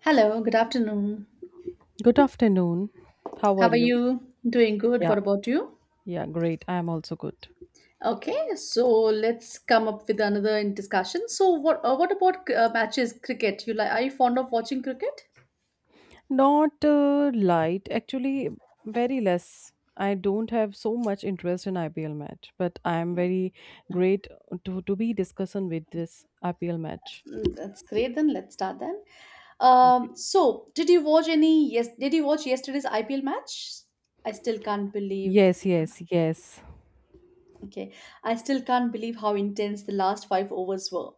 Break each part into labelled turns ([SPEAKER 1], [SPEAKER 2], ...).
[SPEAKER 1] Hello, good afternoon.
[SPEAKER 2] Good afternoon. How
[SPEAKER 1] How
[SPEAKER 2] are
[SPEAKER 1] are
[SPEAKER 2] you?
[SPEAKER 1] you? Doing good.
[SPEAKER 2] Yeah,
[SPEAKER 1] What about you?
[SPEAKER 2] yeah, great. I am also good.
[SPEAKER 1] Okay, so let's come up with another in discussion. So what about matches cricket? You like are you fond of watching cricket?
[SPEAKER 2] Not light, actually, very less. I don't have so much interest in IPL match, but I am very great to be discussing with this IPL match.
[SPEAKER 1] Mm, that's great then. Let's start then. Um,
[SPEAKER 2] Okay.
[SPEAKER 1] so did you watch any yes did you watch yesterday's IPL match? I still can't believe.
[SPEAKER 2] Yes.
[SPEAKER 1] Okay, I still can't believe how intense the last five overs were,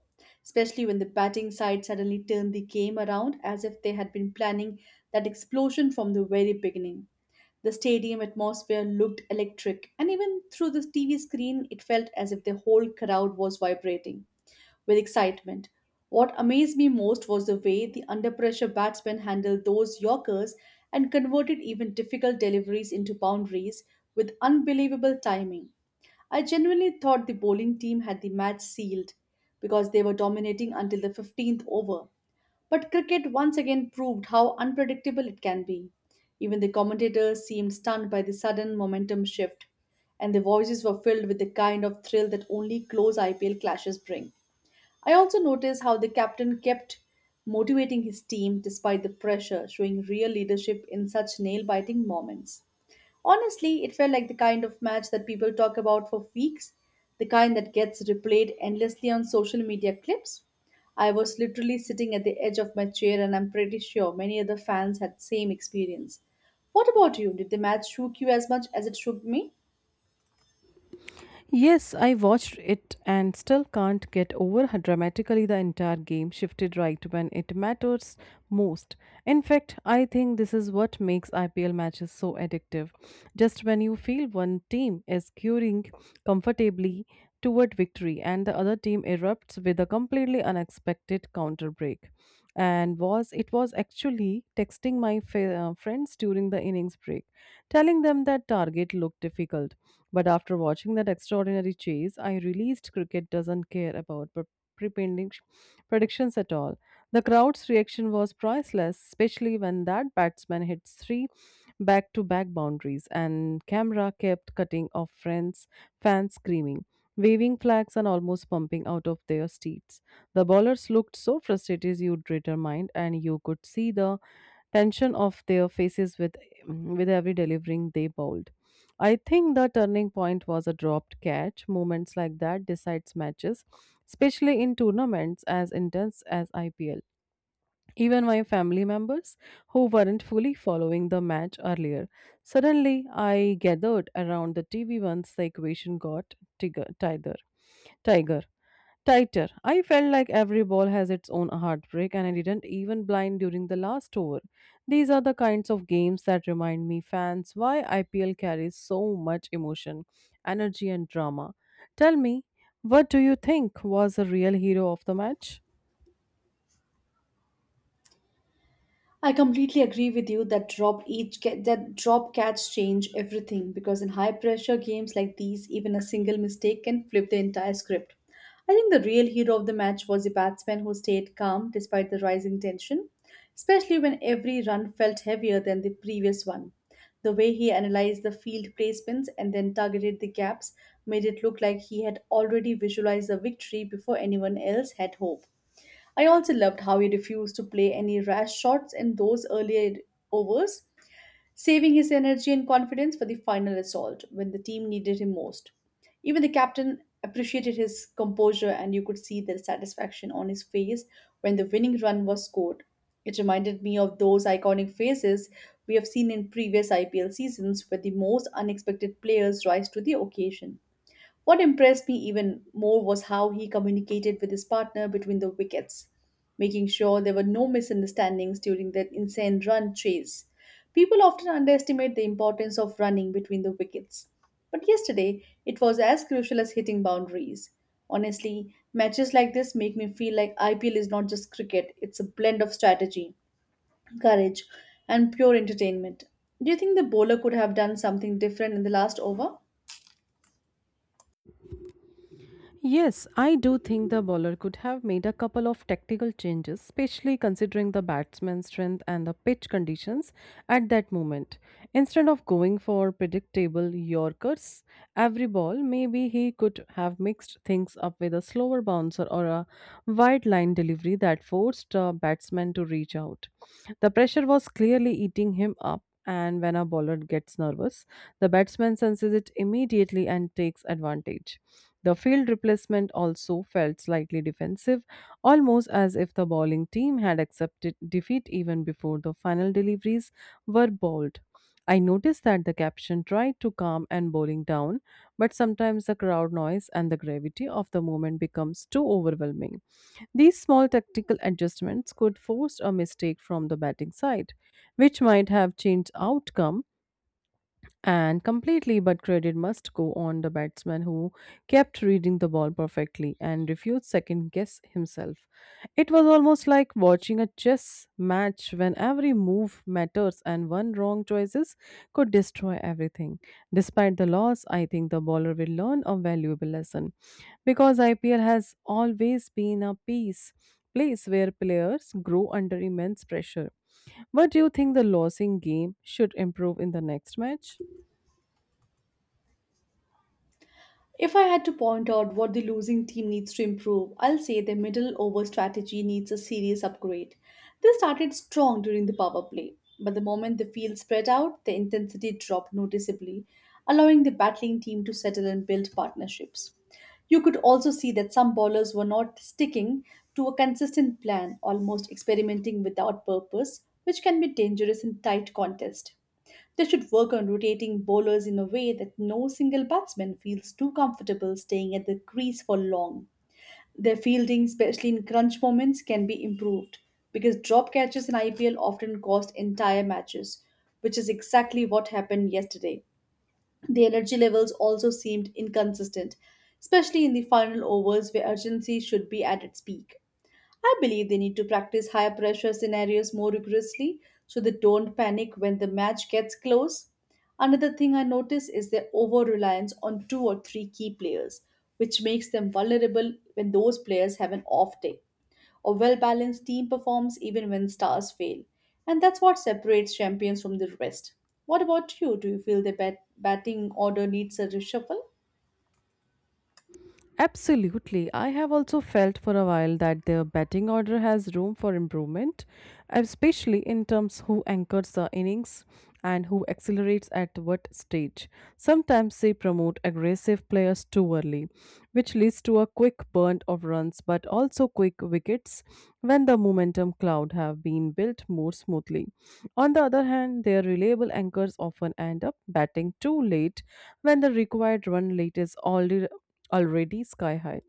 [SPEAKER 1] especially when the batting side suddenly turned the game around as if they had been planning that explosion from the very beginning. The stadium atmosphere looked electric, and even through the TV screen, it felt as if the whole crowd was vibrating with excitement. What amazed me most was the way the under pressure batsmen handled those Yorkers and converted even difficult deliveries into boundaries with unbelievable timing. I genuinely thought the bowling team had the match sealed because they were dominating until the 15th over. But cricket once again proved how unpredictable it can be. Even the commentators seemed stunned by the sudden momentum shift, and their voices were filled with the kind of thrill that only close IPL clashes bring. I also noticed how the captain kept motivating his team despite the pressure, showing real leadership in such nail biting moments. Honestly, it felt like the kind of match that people talk about for weeks, the kind that gets replayed endlessly on social media clips. I was literally sitting at the edge of my chair and I'm pretty sure many other fans had the same experience. What about you? Did the match shook you as much as it shook me?
[SPEAKER 2] Yes, I watched it and still can't get over how dramatically the entire game shifted right when it matters most. In fact, I think this is what makes IPL matches so addictive. Just when you feel one team is curing comfortably, toward victory, and the other team erupts with a completely unexpected counter break. And was it was actually texting my friends during the innings break, telling them that target looked difficult. But after watching that extraordinary chase, I realized cricket doesn't care about prepending- sh- predictions at all. The crowd's reaction was priceless, especially when that batsman hit three back to back boundaries and camera kept cutting off friends, fans screaming waving flags and almost pumping out of their seats. The bowlers looked so frustrated you'd determined, and you could see the tension of their faces with every delivering they bowled. I think the turning point was a dropped catch. Moments like that decides matches, especially in tournaments as intense as IPL. Even my family members who weren't fully following the match earlier. Suddenly, I gathered around the TV once the equation got tighter. Tiger. Tighter. I felt like every ball has its own heartbreak, and I didn't even blind during the last over. These are the kinds of games that remind me, fans, why IPL carries so much emotion, energy, and drama. Tell me, what do you think was the real hero of the match?
[SPEAKER 1] I completely agree with you that that drop catch change everything because in high pressure games like these, even a single mistake can flip the entire script. I think the real hero of the match was the batsman who stayed calm despite the rising tension, especially when every run felt heavier than the previous one. The way he analyzed the field placements and then targeted the gaps made it look like he had already visualized the victory before anyone else had hope. I also loved how he refused to play any rash shots in those earlier overs, saving his energy and confidence for the final assault when the team needed him most. Even the captain appreciated his composure, and you could see the satisfaction on his face when the winning run was scored. It reminded me of those iconic phases we have seen in previous IPL seasons where the most unexpected players rise to the occasion. What impressed me even more was how he communicated with his partner between the wickets, making sure there were no misunderstandings during that insane run chase. People often underestimate the importance of running between the wickets, but yesterday it was as crucial as hitting boundaries. Honestly, matches like this make me feel like IPL is not just cricket, it's a blend of strategy, courage, and pure entertainment. Do you think the bowler could have done something different in the last over?
[SPEAKER 2] Yes, I do think the bowler could have made a couple of tactical changes, especially considering the batsman's strength and the pitch conditions at that moment. Instead of going for predictable Yorkers every ball, maybe he could have mixed things up with a slower bouncer or a wide line delivery that forced the batsman to reach out. The pressure was clearly eating him up, and when a bowler gets nervous, the batsman senses it immediately and takes advantage. The field replacement also felt slightly defensive, almost as if the bowling team had accepted defeat even before the final deliveries were bowled. I noticed that the caption tried to calm and bowling down, but sometimes the crowd noise and the gravity of the moment becomes too overwhelming. These small tactical adjustments could force a mistake from the batting side which might have changed outcome and completely, but credit must go on the batsman who kept reading the ball perfectly and refused second guess himself. It was almost like watching a chess match when every move matters and one wrong choices could destroy everything. Despite the loss, I think the bowler will learn a valuable lesson because IPL has always been a piece place where players grow under immense pressure. What do you think the losing game should improve in the next match?
[SPEAKER 1] If I had to point out what the losing team needs to improve, I'll say their middle over strategy needs a serious upgrade. They started strong during the power play, but the moment the field spread out, the intensity dropped noticeably, allowing the battling team to settle and build partnerships. You could also see that some bowlers were not sticking to a consistent plan, almost experimenting without purpose, which can be dangerous in tight contest. They should work on rotating bowlers in a way that no single batsman feels too comfortable staying at the crease for long. Their fielding, especially in crunch moments, can be improved because drop catches in IPL often cost entire matches, which is exactly what happened yesterday. The energy levels also seemed inconsistent, especially in the final overs where urgency should be at its peak. I believe they need to practice high pressure scenarios more rigorously so they don't panic when the match gets close. Another thing I notice is their over reliance on two or three key players, which makes them vulnerable when those players have an off day. A well balanced team performs even when stars fail, and that's what separates champions from the rest. What about you? Do you feel the batting order needs a reshuffle?
[SPEAKER 2] Absolutely. I have also felt for a while that their batting order has room for improvement, especially in terms who anchors the innings and who accelerates at what stage. Sometimes they promote aggressive players too early, which leads to a quick burn of runs but also quick wickets when the momentum cloud have been built more smoothly. On the other hand, their reliable anchors often end up batting too late when the required run rate is already sky high,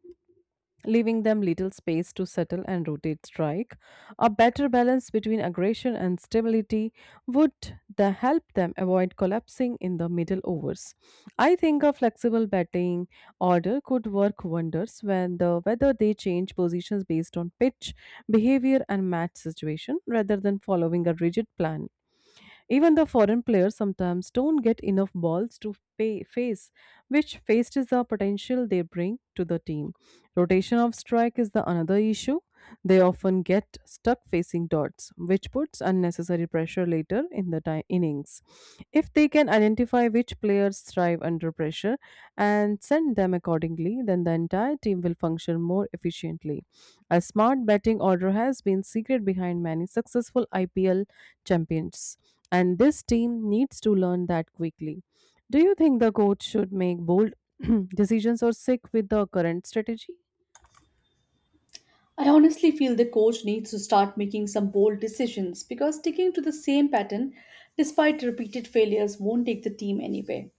[SPEAKER 2] leaving them little space to settle and rotate strike. A better balance between aggression and stability would the help them avoid collapsing in the middle overs. I think a flexible batting order could work wonders when the whether they change positions based on pitch, behavior and match situation rather than following a rigid plan. Even the foreign players sometimes don't get enough balls to pay, face, which faces the potential they bring to the team. Rotation of strike is the another issue. They often get stuck facing dots, which puts unnecessary pressure later in the innings. If they can identify which players thrive under pressure and send them accordingly, then the entire team will function more efficiently. A smart batting order has been secret behind many successful IPL champions and this team needs to learn that quickly. Do you think the coach should make bold decisions or stick with the current strategy?
[SPEAKER 1] I honestly feel the coach needs to start making some bold decisions because sticking to the same pattern despite repeated failures won't take the team anywhere.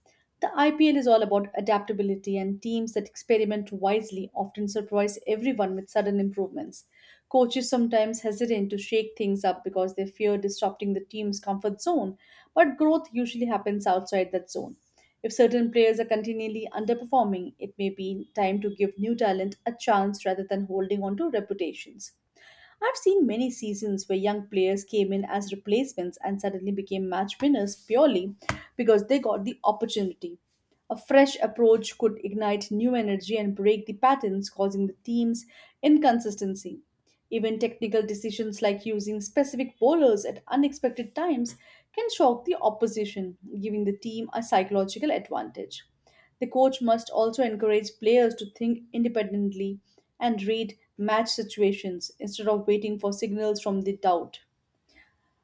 [SPEAKER 1] The IPL is all about adaptability, and teams that experiment wisely often surprise everyone with sudden improvements. Coaches sometimes hesitate to shake things up because they fear disrupting the team's comfort zone, but growth usually happens outside that zone. If certain players are continually underperforming, it may be time to give new talent a chance rather than holding on to reputations. I've seen many seasons where young players came in as replacements and suddenly became match winners purely because they got the opportunity. A fresh approach could ignite new energy and break the patterns causing the team's inconsistency. Even technical decisions like using specific bowlers at unexpected times can shock the opposition, giving the team a psychological advantage. The coach must also encourage players to think independently and read match situations instead of waiting for signals from the doubt.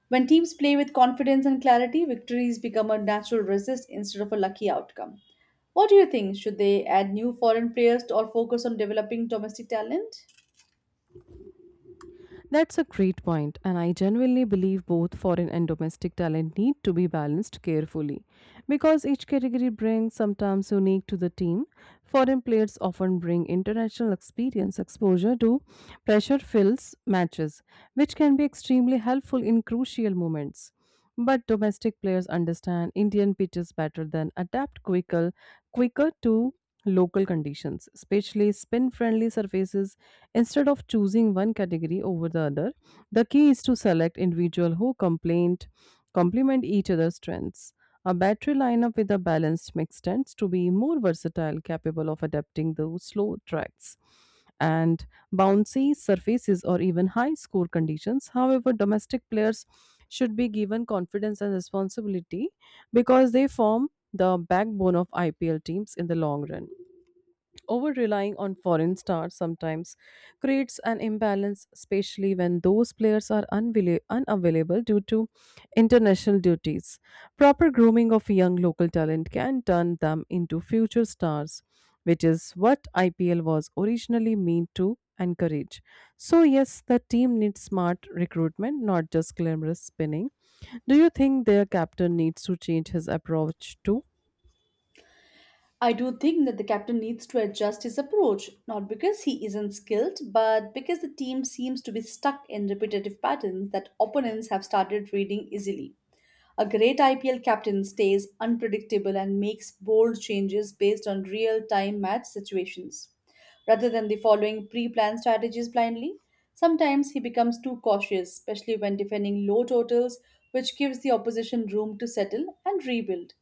[SPEAKER 1] When teams play with confidence and clarity, victories become a natural result instead of a lucky outcome. What do you think? Should they add new foreign players or focus on developing domestic talent?
[SPEAKER 2] That's a great point, and I genuinely believe both foreign and domestic talent need to be balanced carefully because each category brings sometimes unique to the team. Foreign players often bring international experience exposure to pressure fills matches, which can be extremely helpful in crucial moments. But domestic players understand Indian pitches better than adapt quicker to local conditions, especially spin friendly surfaces. Instead of choosing one category over the other, the key is to select individuals who complement each other's strengths. A battery lineup with a balanced mix tends to be more versatile, capable of adapting those slow tracks and bouncy surfaces or even high score conditions. However, domestic players should be given confidence and responsibility because they form the backbone of IPL teams in the long run. Over relying on foreign stars sometimes creates an imbalance, especially when those players are unavailable due to international duties. Proper grooming of young local talent can turn them into future stars, which is what IPL was originally meant to encourage. So, yes, the team needs smart recruitment, not just glamorous spinning. Do you think their captain needs to change his approach too?
[SPEAKER 1] I do think that the captain needs to adjust his approach, not because he isn't skilled, but because the team seems to be stuck in repetitive patterns that opponents have started reading easily. A great IPL captain stays unpredictable and makes bold changes based on real time match situations. Rather than the following pre planned strategies blindly, sometimes he becomes too cautious, especially when defending low totals, which gives the opposition room to settle and rebuild.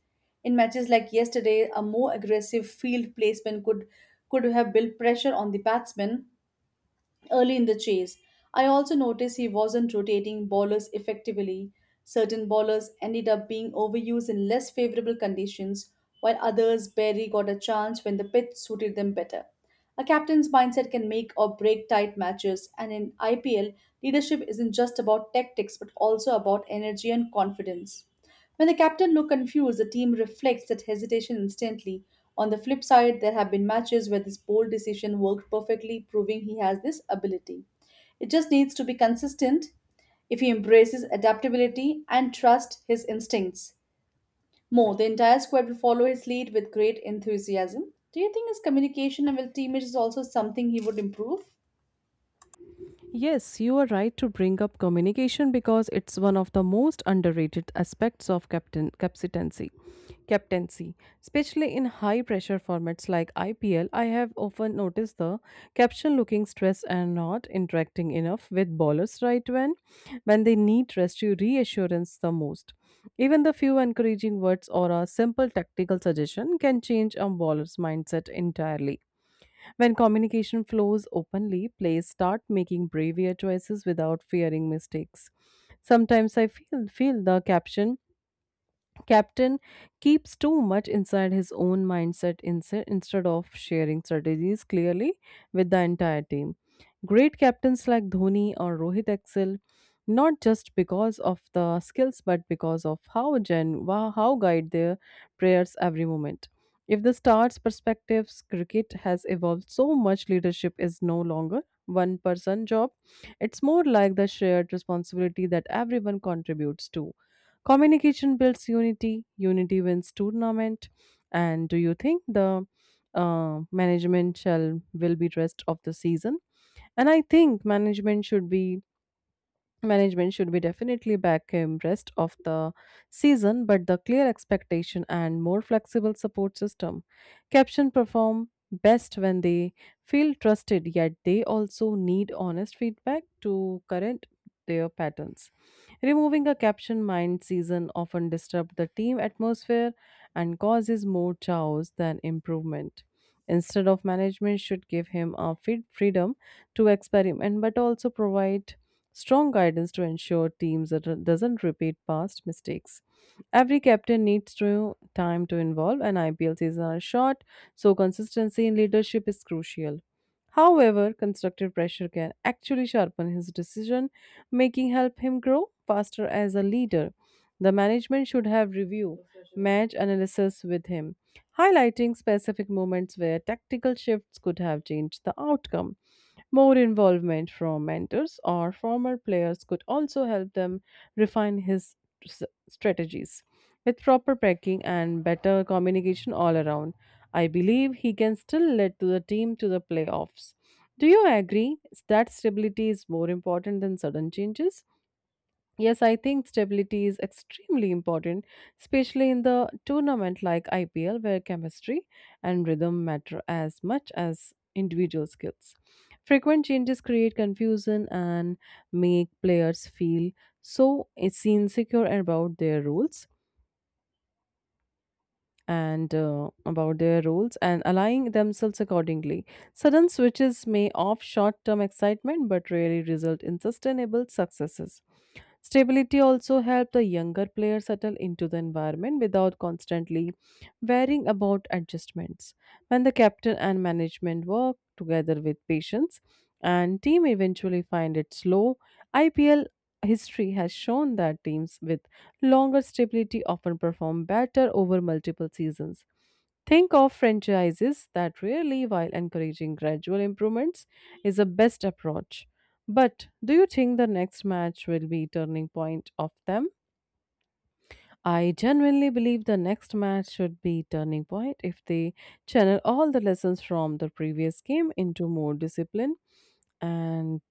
[SPEAKER 1] In matches like yesterday, a more aggressive field placement could have built pressure on the batsman early in the chase. I also noticed he wasn't rotating bowlers effectively. Certain bowlers ended up being overused in less favorable conditions, while others barely got a chance when the pitch suited them better. A captain's mindset can make or break tight matches, and in IPL, leadership isn't just about tactics but also about energy and confidence. When the captain looks confused, the team reflects that hesitation instantly. On the flip side, there have been matches where this bold decision worked perfectly, proving he has this ability. It just needs to be consistent if he embraces adaptability and trusts his instincts. More, the entire squad will follow his lead with great enthusiasm. Do you think his communication and with teammates is also something he would improve?
[SPEAKER 2] Yes, you are right to bring up communication because it's one of the most underrated aspects of captaincy. Captaincy, especially in high pressure formats like IPL, I have often noticed the captain looking stressed and not interacting enough with bowlers right when they need rescue reassurance the most. Even the few encouraging words or a simple tactical suggestion can change a bowler's mindset entirely. When communication flows openly, players start making braver choices without fearing mistakes. Sometimes I feel the caption Captain keeps too much inside his own mindset instead of sharing strategies clearly with the entire team. Great captains like Dhoni or Rohit excel not just because of the skills but because of how how guide their prayers every moment. If the stars' perspectives, cricket has evolved so much. Leadership is no longer one person job. It's more like the shared responsibility that everyone contributes to. Communication builds unity, unity wins tournament. And do you think the management shall will be rest of the season? And I think management should be Management should be definitely back him rest of the season, but the clear expectation and more flexible support system. Caption perform best when they feel trusted, yet they also need honest feedback to current their patterns. Removing a caption mind season often disrupt the team atmosphere and causes more chaos than improvement. Instead of management should give him a freedom to experiment but also provide strong guidance to ensure teams that doesn't repeat past mistakes. Every captain needs to time to involve, and IPL seasons are short, so consistency in leadership is crucial. However, constructive pressure can actually sharpen his decision making, help him grow faster as a leader. The management should have review match analysis with him, highlighting specific moments where tactical shifts could have changed the outcome. More involvement from mentors or former players could also help them refine his s- strategies. With proper packing and better communication all around, I believe he can still lead to the team to the playoffs. Do you agree that stability is more important than sudden changes? Yes, I think stability is extremely important, especially in the tournament like IPL, where chemistry and rhythm matter as much as individual skills. Frequent changes create confusion and make players feel so it's insecure about their roles and aligning themselves accordingly. Sudden switches may off short term excitement but rarely result in sustainable successes. Stability also helps the younger player settle into the environment without constantly worrying about adjustments. When the captain and management work together with patience, and team eventually find it slow. IPL history has shown that teams with longer stability often perform better over multiple seasons. Think of franchises that rarely, while encouraging gradual improvements, is the best approach. But do you think the next match will be turning point of them? I genuinely believe the next match should be turning point if they channel all the lessons from the previous game into more discipline and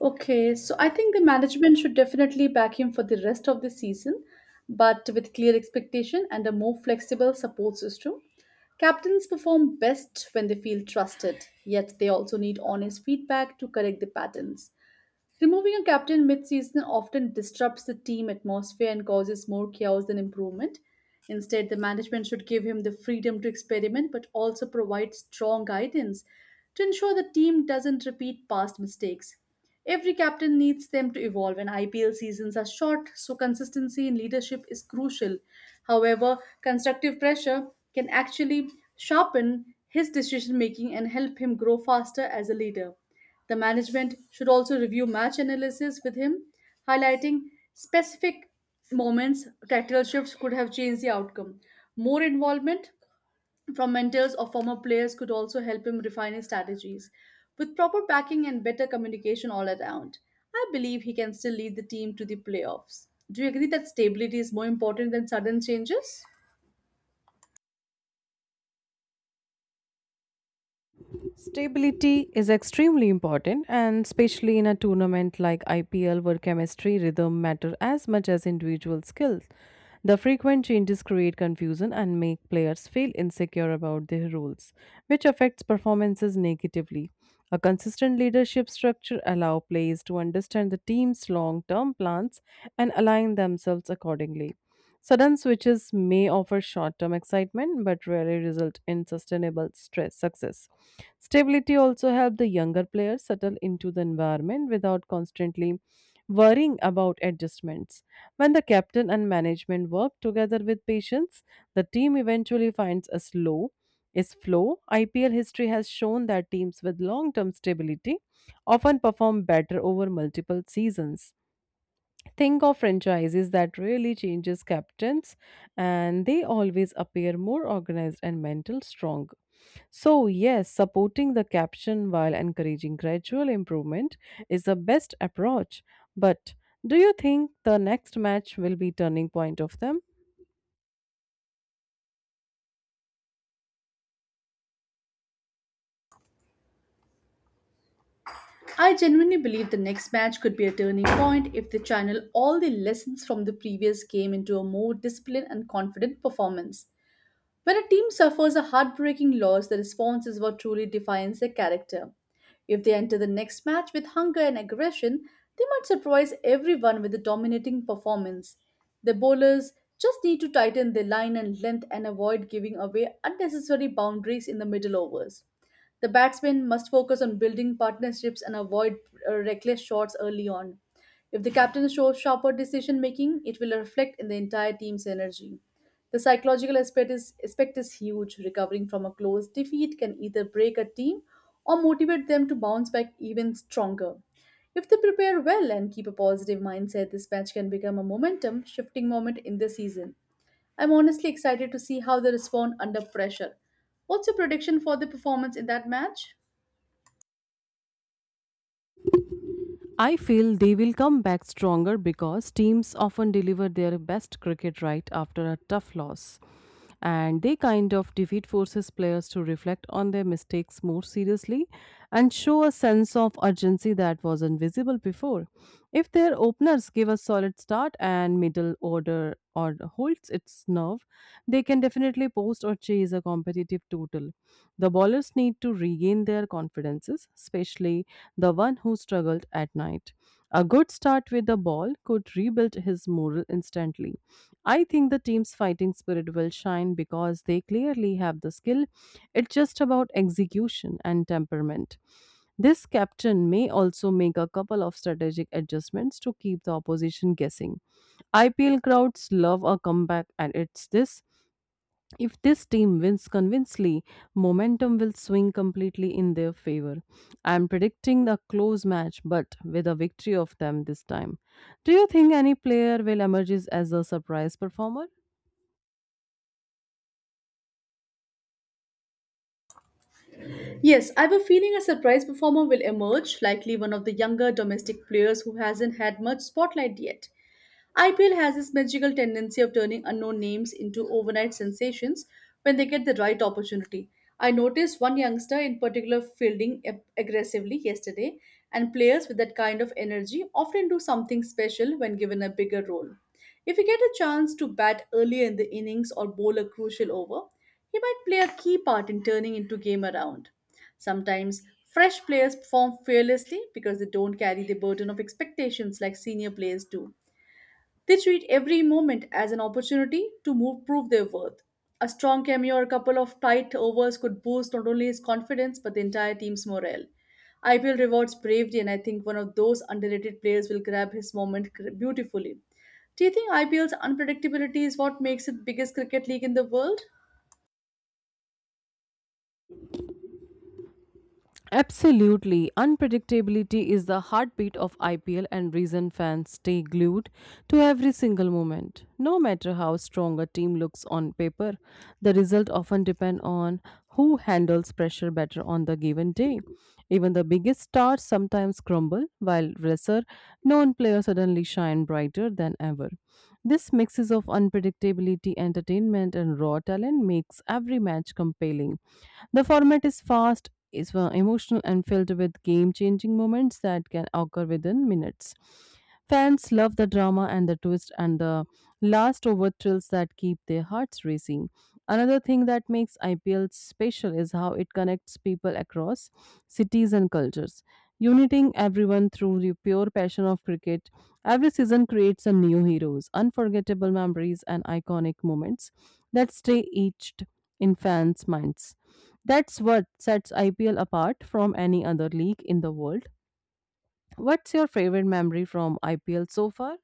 [SPEAKER 1] Okay, so I think the management should definitely back him for the rest of the season, but with clear expectation and a more flexible support system. Captains perform best when they feel trusted, yet they also need honest feedback to correct the patterns. Removing a captain mid-season often disrupts the team atmosphere and causes more chaos than improvement. Instead, the management should give him the freedom to experiment but also provide strong guidance to ensure the team doesn't repeat past mistakes. Every captain needs them to evolve, and IPL seasons are short, so consistency in leadership is crucial. However, constructive pressure can actually sharpen his decision making and help him grow faster as a leader. The management should also review match analysis with him, highlighting specific moments tactical shifts could have changed the outcome. More involvement from mentors or former players could also help him refine his strategies. With proper backing and better communication all around, I believe he can still lead the team to the playoffs. Do you agree that stability is more important than sudden changes?
[SPEAKER 2] Stability is extremely important, and especially in a tournament like IPL, where chemistry, rhythm matter as much as individual skills. The frequent changes create confusion and make players feel insecure about their roles, which affects performances negatively. A consistent leadership structure allows players to understand the team's long-term plans and align themselves accordingly. Sudden switches may offer short term excitement but rarely result in sustainable stress success. Stability also helps the younger players settle into the environment without constantly worrying about adjustments. When the captain and management work together with patience, the team eventually finds a slow is flow. IPL history has shown that teams with long term stability often perform better over multiple seasons. Think of franchises that really changes captains and they always appear more organized and mental strong. So, yes, supporting the caption while encouraging gradual improvement is the best approach. But do you think the next match will be turning point of them?
[SPEAKER 1] I genuinely believe the next match could be a turning point if they channel all the lessons from the previous game into a more disciplined and confident performance. When a team suffers a heartbreaking loss, the response is what truly defines their character. If they enter the next match with hunger and aggression, they might surprise everyone with a dominating performance. The bowlers just need to tighten their line and length and avoid giving away unnecessary boundaries in the middle overs. The batsmen must focus on building partnerships and avoid reckless shots early on. If the captain shows sharper decision making, it will reflect in the entire team's energy. The psychological aspect is huge. Recovering from a close defeat can either break a team or motivate them to bounce back even stronger. If they prepare well and keep a positive mindset, this match can become a momentum shifting moment in the season. I'm honestly excited to see how they respond under pressure. What's your prediction for the performance in that match?
[SPEAKER 2] I feel they will come back stronger because teams often deliver their best cricket right after a tough loss. And they kind of defeat forces players to reflect on their mistakes more seriously and show a sense of urgency that was invisible before. If their openers give a solid start and middle order or holds its nerve, they can definitely post or chase a competitive total. The bowlers need to regain their confidences, especially the one who struggled at night. A good start with the ball could rebuild his morale instantly. I think the team's fighting spirit will shine because they clearly have the skill. It's just about execution and temperament. This captain may also make a couple of strategic adjustments to keep the opposition guessing. IPL crowds love a comeback, and it's this if this team wins convincingly, momentum will swing completely in their favor. I am predicting a close match, but with a victory of them this time. Do you think any player will emerge as a surprise performer?
[SPEAKER 1] Yes, I have a feeling a surprise performer will emerge, likely one of the younger domestic players who hasn't had much spotlight yet. IPL has this magical tendency of turning unknown names into overnight sensations when they get the right opportunity. I noticed one youngster in particular fielding aggressively yesterday, and players with that kind of energy often do something special when given a bigger role. If he get a chance to bat earlier in the innings or bowl a crucial over, he might play a key part in turning into game around. Sometimes fresh players perform fearlessly because they don't carry the burden of expectations like senior players do. They treat every moment as an opportunity to move, prove their worth. A strong cameo or a couple of tight overs could boost not only his confidence but the entire team's morale. IPL rewards bravery, and I think one of those underrated players will grab his moment beautifully. Do you think IPL's unpredictability is what makes it biggest cricket league in the world?
[SPEAKER 2] Absolutely. Unpredictability is the heartbeat of IPL and reason fans stay glued to every single moment. No matter how strong a team looks on paper, the result often depend on who handles pressure better on the given day. Even the biggest stars sometimes crumble, while lesser known players suddenly shine brighter than ever. This mixes of unpredictability, entertainment, and raw talent makes every match compelling. The format is fast, is emotional, and filled with game changing moments that can occur within minutes. Fans love the drama and the twist and the last over thrills that keep their hearts racing. Another thing that makes IPL special is how it connects people across cities and cultures, uniting everyone through the pure passion of cricket. Every season creates some new heroes, unforgettable memories, and iconic moments that stay etched in fans' minds. That's what sets IPL apart from any other league in the world. What's your favorite memory from IPL so far?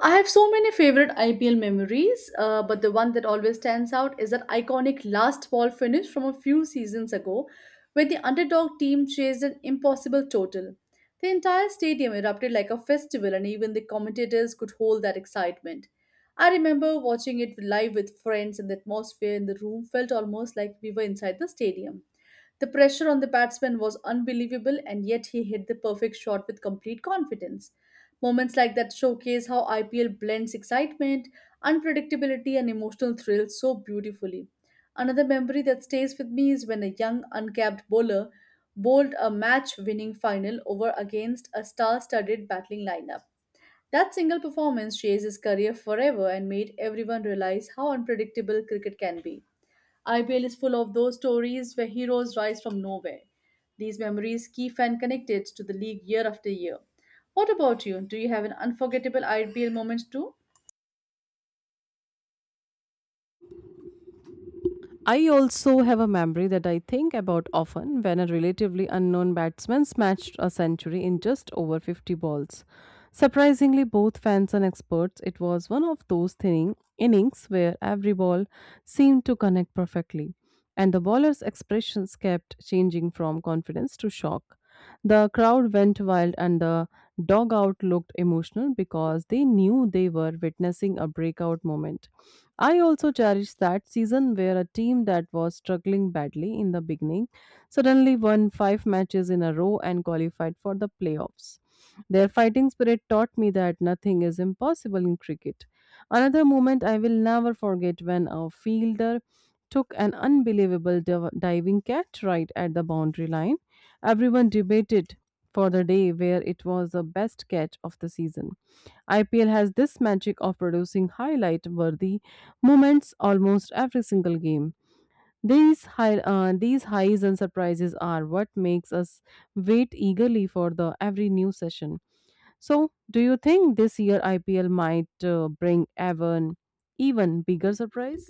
[SPEAKER 1] I have so many favorite IPL memories, but the one that always stands out is that iconic last ball finish from a few seasons ago, where the underdog team chased an impossible total. The entire stadium erupted like a festival, and even the commentators could hold that excitement. I remember watching it live with friends, and the atmosphere in the room felt almost like we were inside the stadium. The pressure on the batsman was unbelievable, and yet he hit the perfect shot with complete confidence. Moments like that showcase how IPL blends excitement, unpredictability, and emotional thrill so beautifully. Another memory that stays with me is when a young uncapped bowler bowled a match winning final over against a star studded battling lineup. That single performance changed his career forever and made everyone realize how unpredictable cricket can be. IPL is full of those stories where heroes rise from nowhere. These memories keep fan connected to the league year after year. What about you? Do you have an unforgettable IPL moment too?
[SPEAKER 2] I also have a memory that I think about often when a relatively unknown batsman smashed a century in just over 50 balls. Surprisingly, both fans and experts, it was one of those thinning innings where every ball seemed to connect perfectly, and the bowler's expressions kept changing from confidence to shock. The crowd went wild, and the dugout looked emotional because they knew they were witnessing a breakout moment. I also cherish that season where a team that was struggling badly in the beginning suddenly won five matches in a row and qualified for the playoffs. Their fighting spirit taught me that nothing is impossible in cricket. Another moment I will never forget when a fielder took an unbelievable diving catch right at the boundary line. Everyone debated for the day where it was the best catch of the season. IPL has this magic of producing highlight worthy moments almost every single game. These high, these highs and surprises are what makes us wait eagerly for the every new session. So, do you think this year IPL might bring even bigger surprise?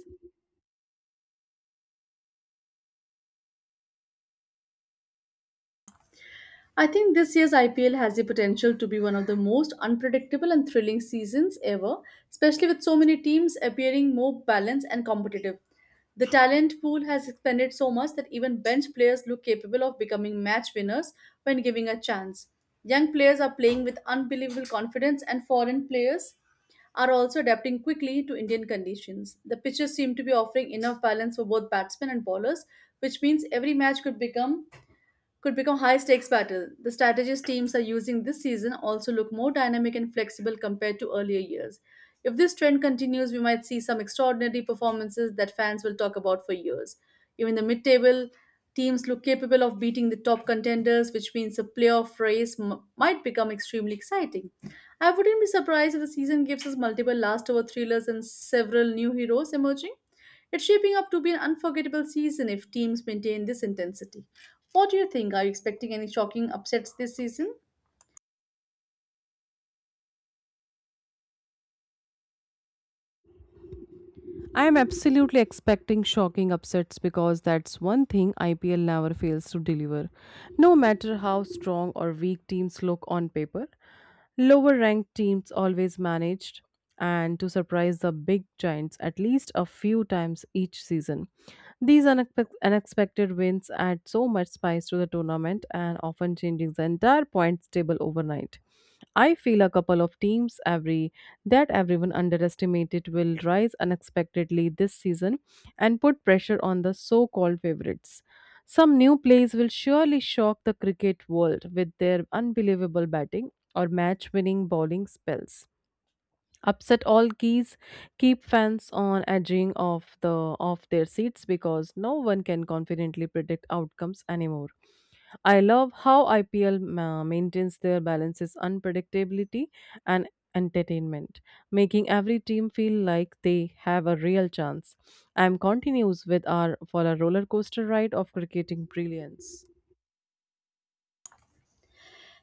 [SPEAKER 1] I think this year's IPL has the potential to be one of the most unpredictable and thrilling seasons ever, especially with so many teams appearing more balanced and competitive. The talent pool has expanded so much that even bench players look capable of becoming match winners when given a chance. Young players are playing with unbelievable confidence, and foreign players are also adapting quickly to Indian conditions. The pitches seem to be offering enough balance for both batsmen and bowlers, which means every match could become high stakes battle. The strategies teams are using this season also look more dynamic and flexible compared to earlier years. If this trend continues, we might see some extraordinary performances that fans will talk about for years. Even the mid table teams look capable of beating the top contenders, which means the playoff race might become extremely exciting. I wouldn't be surprised if the season gives us multiple last over thrillers and several new heroes emerging. It's shaping up to be an unforgettable season if teams maintain this intensity. What do you think? Are you expecting any shocking upsets this season?
[SPEAKER 2] I am absolutely expecting shocking upsets because that's one thing IPL never fails to deliver. No matter how strong or weak teams look on paper, lower ranked teams always managed and to surprise the big giants at least a few times each season. These unexpected wins add so much spice to the tournament and often changing the entire points table overnight. I feel a couple of teams every that everyone underestimated will rise unexpectedly this season and put pressure on the so-called favorites. Some new plays will surely shock the cricket world with their unbelievable batting or match winning bowling spells. Upset all keys keep fans on edging of their seats because no one can confidently predict outcomes anymore. I love how IPL maintains their balances unpredictability and entertainment, making every team feel like they have a real chance. I'm continues with our for a roller coaster ride of cricketing brilliance.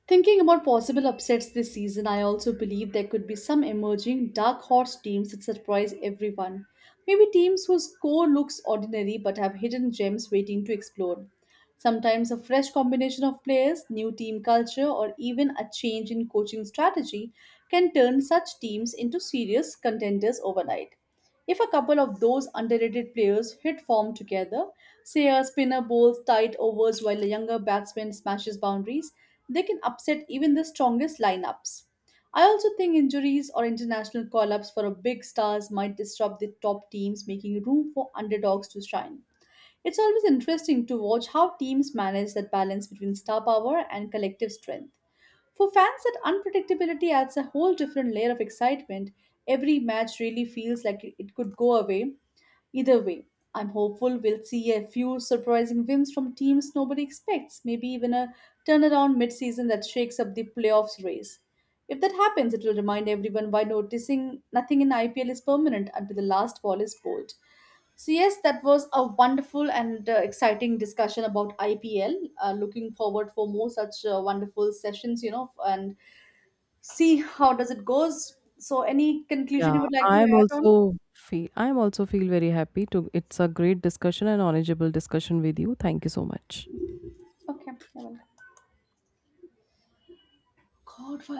[SPEAKER 1] Thinking about possible upsets this season, I also believe there could be some emerging dark horse teams that surprise everyone. Maybe teams whose core looks ordinary but have hidden gems waiting to explode. Sometimes a fresh combination of players, new team culture, or even a change in coaching strategy can turn such teams into serious contenders overnight. If a couple of those underrated players hit form together, say a spinner bowls tight overs while a younger batsman smashes boundaries, they can upset even the strongest lineups. I also think injuries or international call ups for a big stars might disrupt the top teams, making room for underdogs to shine. It's always interesting to watch how teams manage that balance between star power and collective strength. For fans, that unpredictability adds a whole different layer of excitement. Every match really feels like it could go away either way. I'm hopeful we'll see a few surprising wins from teams nobody expects, maybe even a turnaround mid-season that shakes up the playoffs race. If that happens, it will remind everyone why noticing nothing in IPL is permanent until the last ball is bowled. So, yes, that was a wonderful and exciting discussion about IPL. Looking forward for more such wonderful sessions, and see how does it goes. So any conclusion
[SPEAKER 2] Yeah,
[SPEAKER 1] you would like to add on?
[SPEAKER 2] I'm also feel very happy to it's a great discussion and knowledgeable discussion with you. Thank you so much.
[SPEAKER 1] Okay, you God, why